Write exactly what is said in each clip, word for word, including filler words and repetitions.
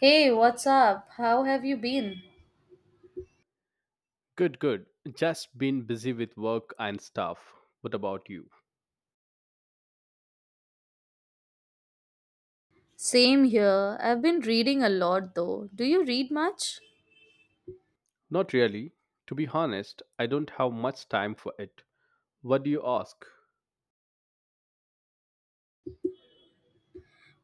Hey, what's up? How have you been? Good, good. Just been busy with work and stuff. What about you? Same here. I've been reading a lot though. Do you read much? Not really. To be honest, I don't have much time for it. What do you ask?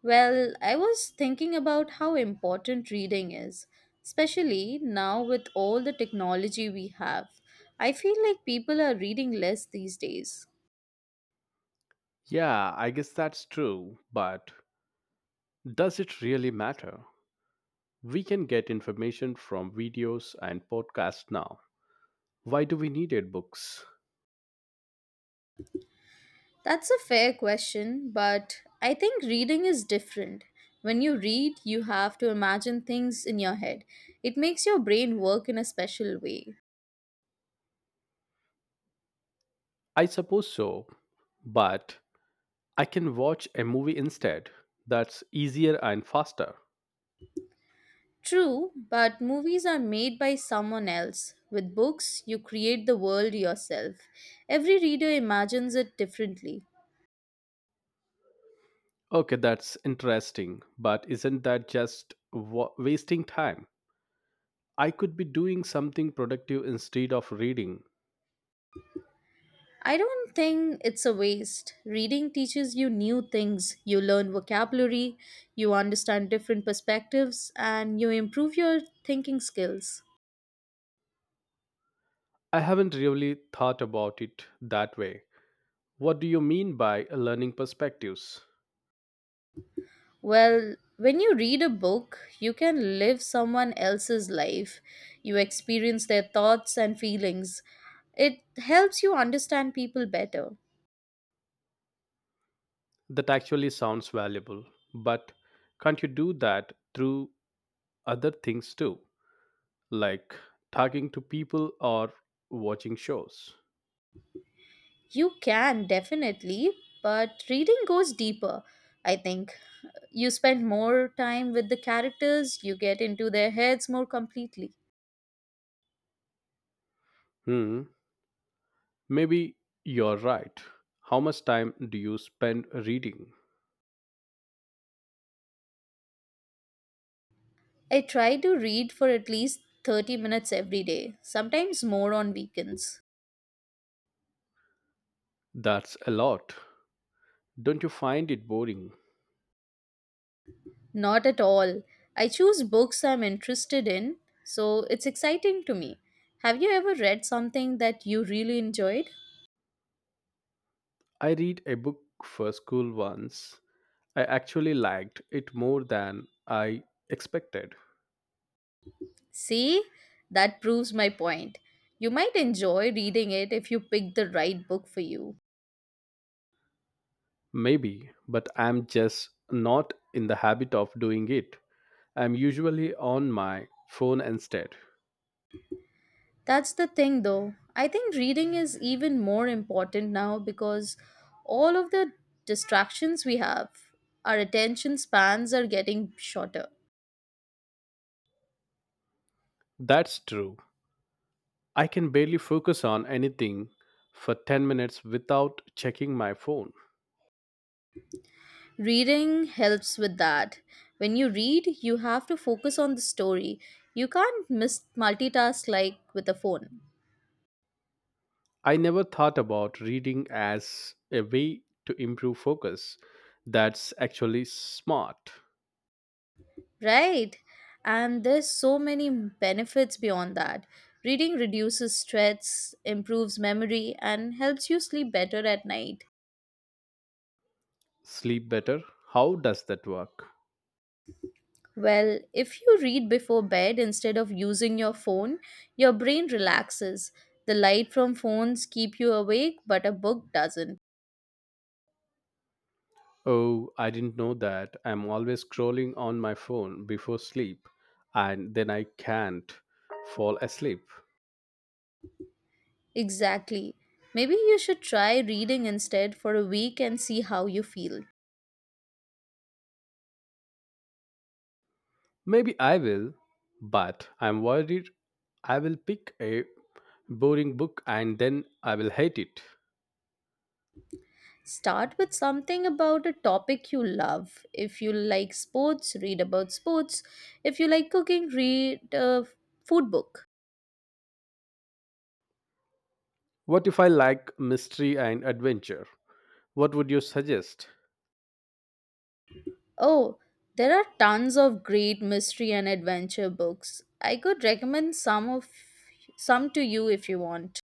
Well, I was thinking about how important reading is, especially now with all the technology we have. I feel like people are reading less these days. Yeah, I guess that's true, but does it really matter? We can get information from videos and podcasts now. Why do we need it books? That's a fair question, but I think reading is different. When you read, you have to imagine things in your head. It makes your brain work in a special way. I suppose so, but I can watch a movie instead. That's easier and faster. True, but movies are made by someone else. With books, you create the world yourself. Every reader imagines it differently. Okay, that's interesting, but isn't that just wa- wasting time? I could be doing something productive instead of reading. I don't think it's a waste. Reading teaches you new things. You learn vocabulary, you understand different perspectives, and you improve your thinking skills. I haven't really thought about it that way. What do you mean by learning perspectives? Well, when you read a book, you can live someone else's life. You experience their thoughts and feelings. It helps you understand people better. That actually sounds valuable, but can't you do that through other things too, like talking to people or watching shows? You can definitely, but reading goes deeper. I think you spend more time with the characters, you get into their heads more completely. Hmm, maybe you're right. How much time do you spend reading? I try to read for at least thirty minutes every day, sometimes more on weekends. That's a lot. Don't you find it boring? Not at all. I choose books I'm interested in, so it's exciting to me. Have you ever read something that you really enjoyed? I read a book for school once. I actually liked it more than I expected. See, that proves my point. You might enjoy reading it if you pick the right book for you. Maybe, but I'm just not in the habit of doing it. I'm usually on my phone instead. That's the thing though. I think reading is even more important now because all of the distractions we have, our attention spans are getting shorter. That's true. I can barely focus on anything for ten minutes without checking my phone. Reading helps with that. When you read, you have to focus on the story. You can't miss multitask like with a phone. I never thought about reading as a way to improve focus. That's actually smart. Right? And there's so many benefits beyond that. Reading reduces stress, improves memory, and helps you sleep better at night. Sleep better? How does that work? Well, if you read before bed instead of using your phone, your brain relaxes. The light from phones keep you awake, but a book doesn't. Oh, I didn't know that. I'm always scrolling on my phone before sleep, and then I can't fall asleep. Exactly. Maybe you should try reading instead for a week and see how you feel. Maybe I will, but I'm worried I will pick a boring book and then I will hate it. Start with something about a topic you love. If you like sports, read about sports. If you like cooking, read a food book. What if I like mystery and adventure? What would you suggest? Oh, there are tons of great mystery and adventure books. I could recommend some of some to you if you want.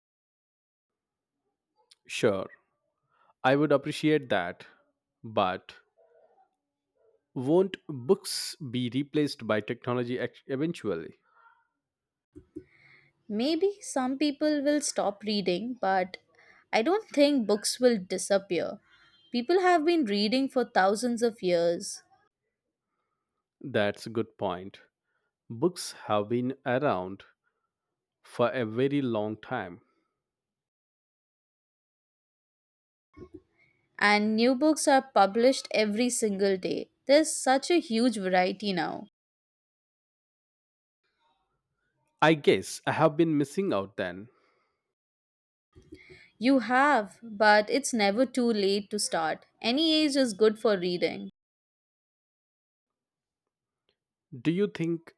Sure, I would appreciate that, but won't books be replaced by technology ex- eventually? Maybe some people will stop reading, but I don't think books will disappear. People have been reading for thousands of years, That's a good point. Books have been around for a very long time. and new books are published every single day. There's such a huge variety now. I guess I have been missing out then. You have, but it's never too late to start. Any age is good for reading. Do you think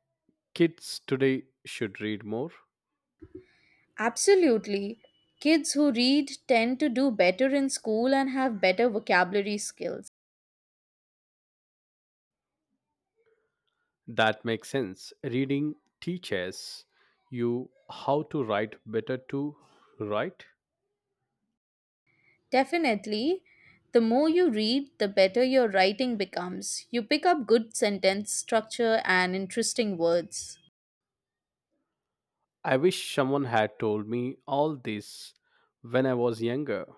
kids today should read more? Absolutely. Kids who read tend to do better in school and have better vocabulary skills. That makes sense. Reading teaches you how to write better to write. Definitely. The more you read, the better your writing becomes. You pick up good sentence structure and interesting words. I wish someone had told me all this when I was younger.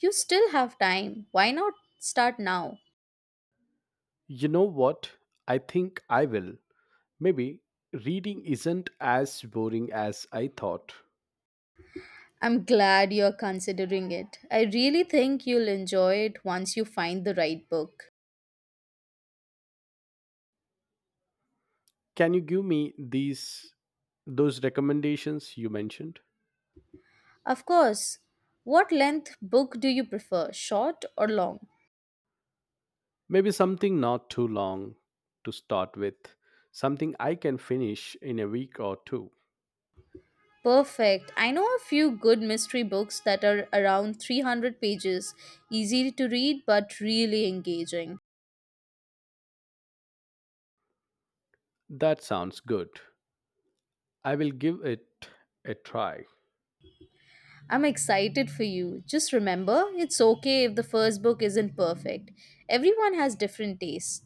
You still have time. Why not start now? You know what? I think I will. Maybe reading isn't as boring as I thought. I'm glad you're considering it. I really think you'll enjoy it once you find the right book. Can you give me these those recommendations you mentioned? Of course, what length book do you prefer, short or long? Maybe something not too long to start with, something I can finish in a week or two. Perfect. I know a few good mystery books that are around three hundred pages, easy to read but really engaging. That sounds good. I will give it a try, I'm excited for you. Just remember, it's okay if the first book isn't perfect. Everyone has different tastes.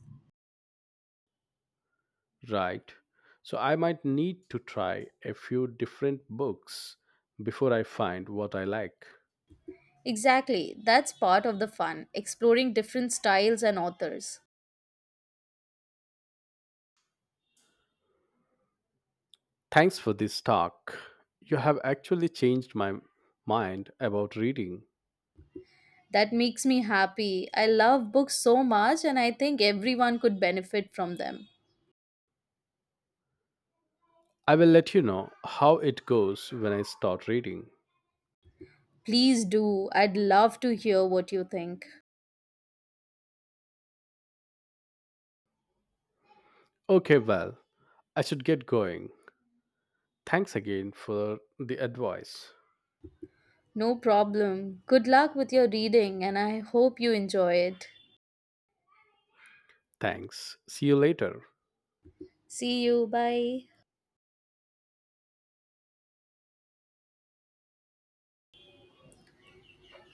right? So I might need to try a few different books before I find what I like. Exactly, that's part of the fun, exploring different styles and authors. Thanks for this talk. You have actually changed my mind about reading. That makes me happy. I love books so much, and I think everyone could benefit from them. I will let you know how it goes when I start reading. Please do. I'd love to hear what you think. Okay, well, I should get going. Thanks again for the advice. No problem. Good luck with your reading and I hope you enjoy it. Thanks. See you later. See you. Bye.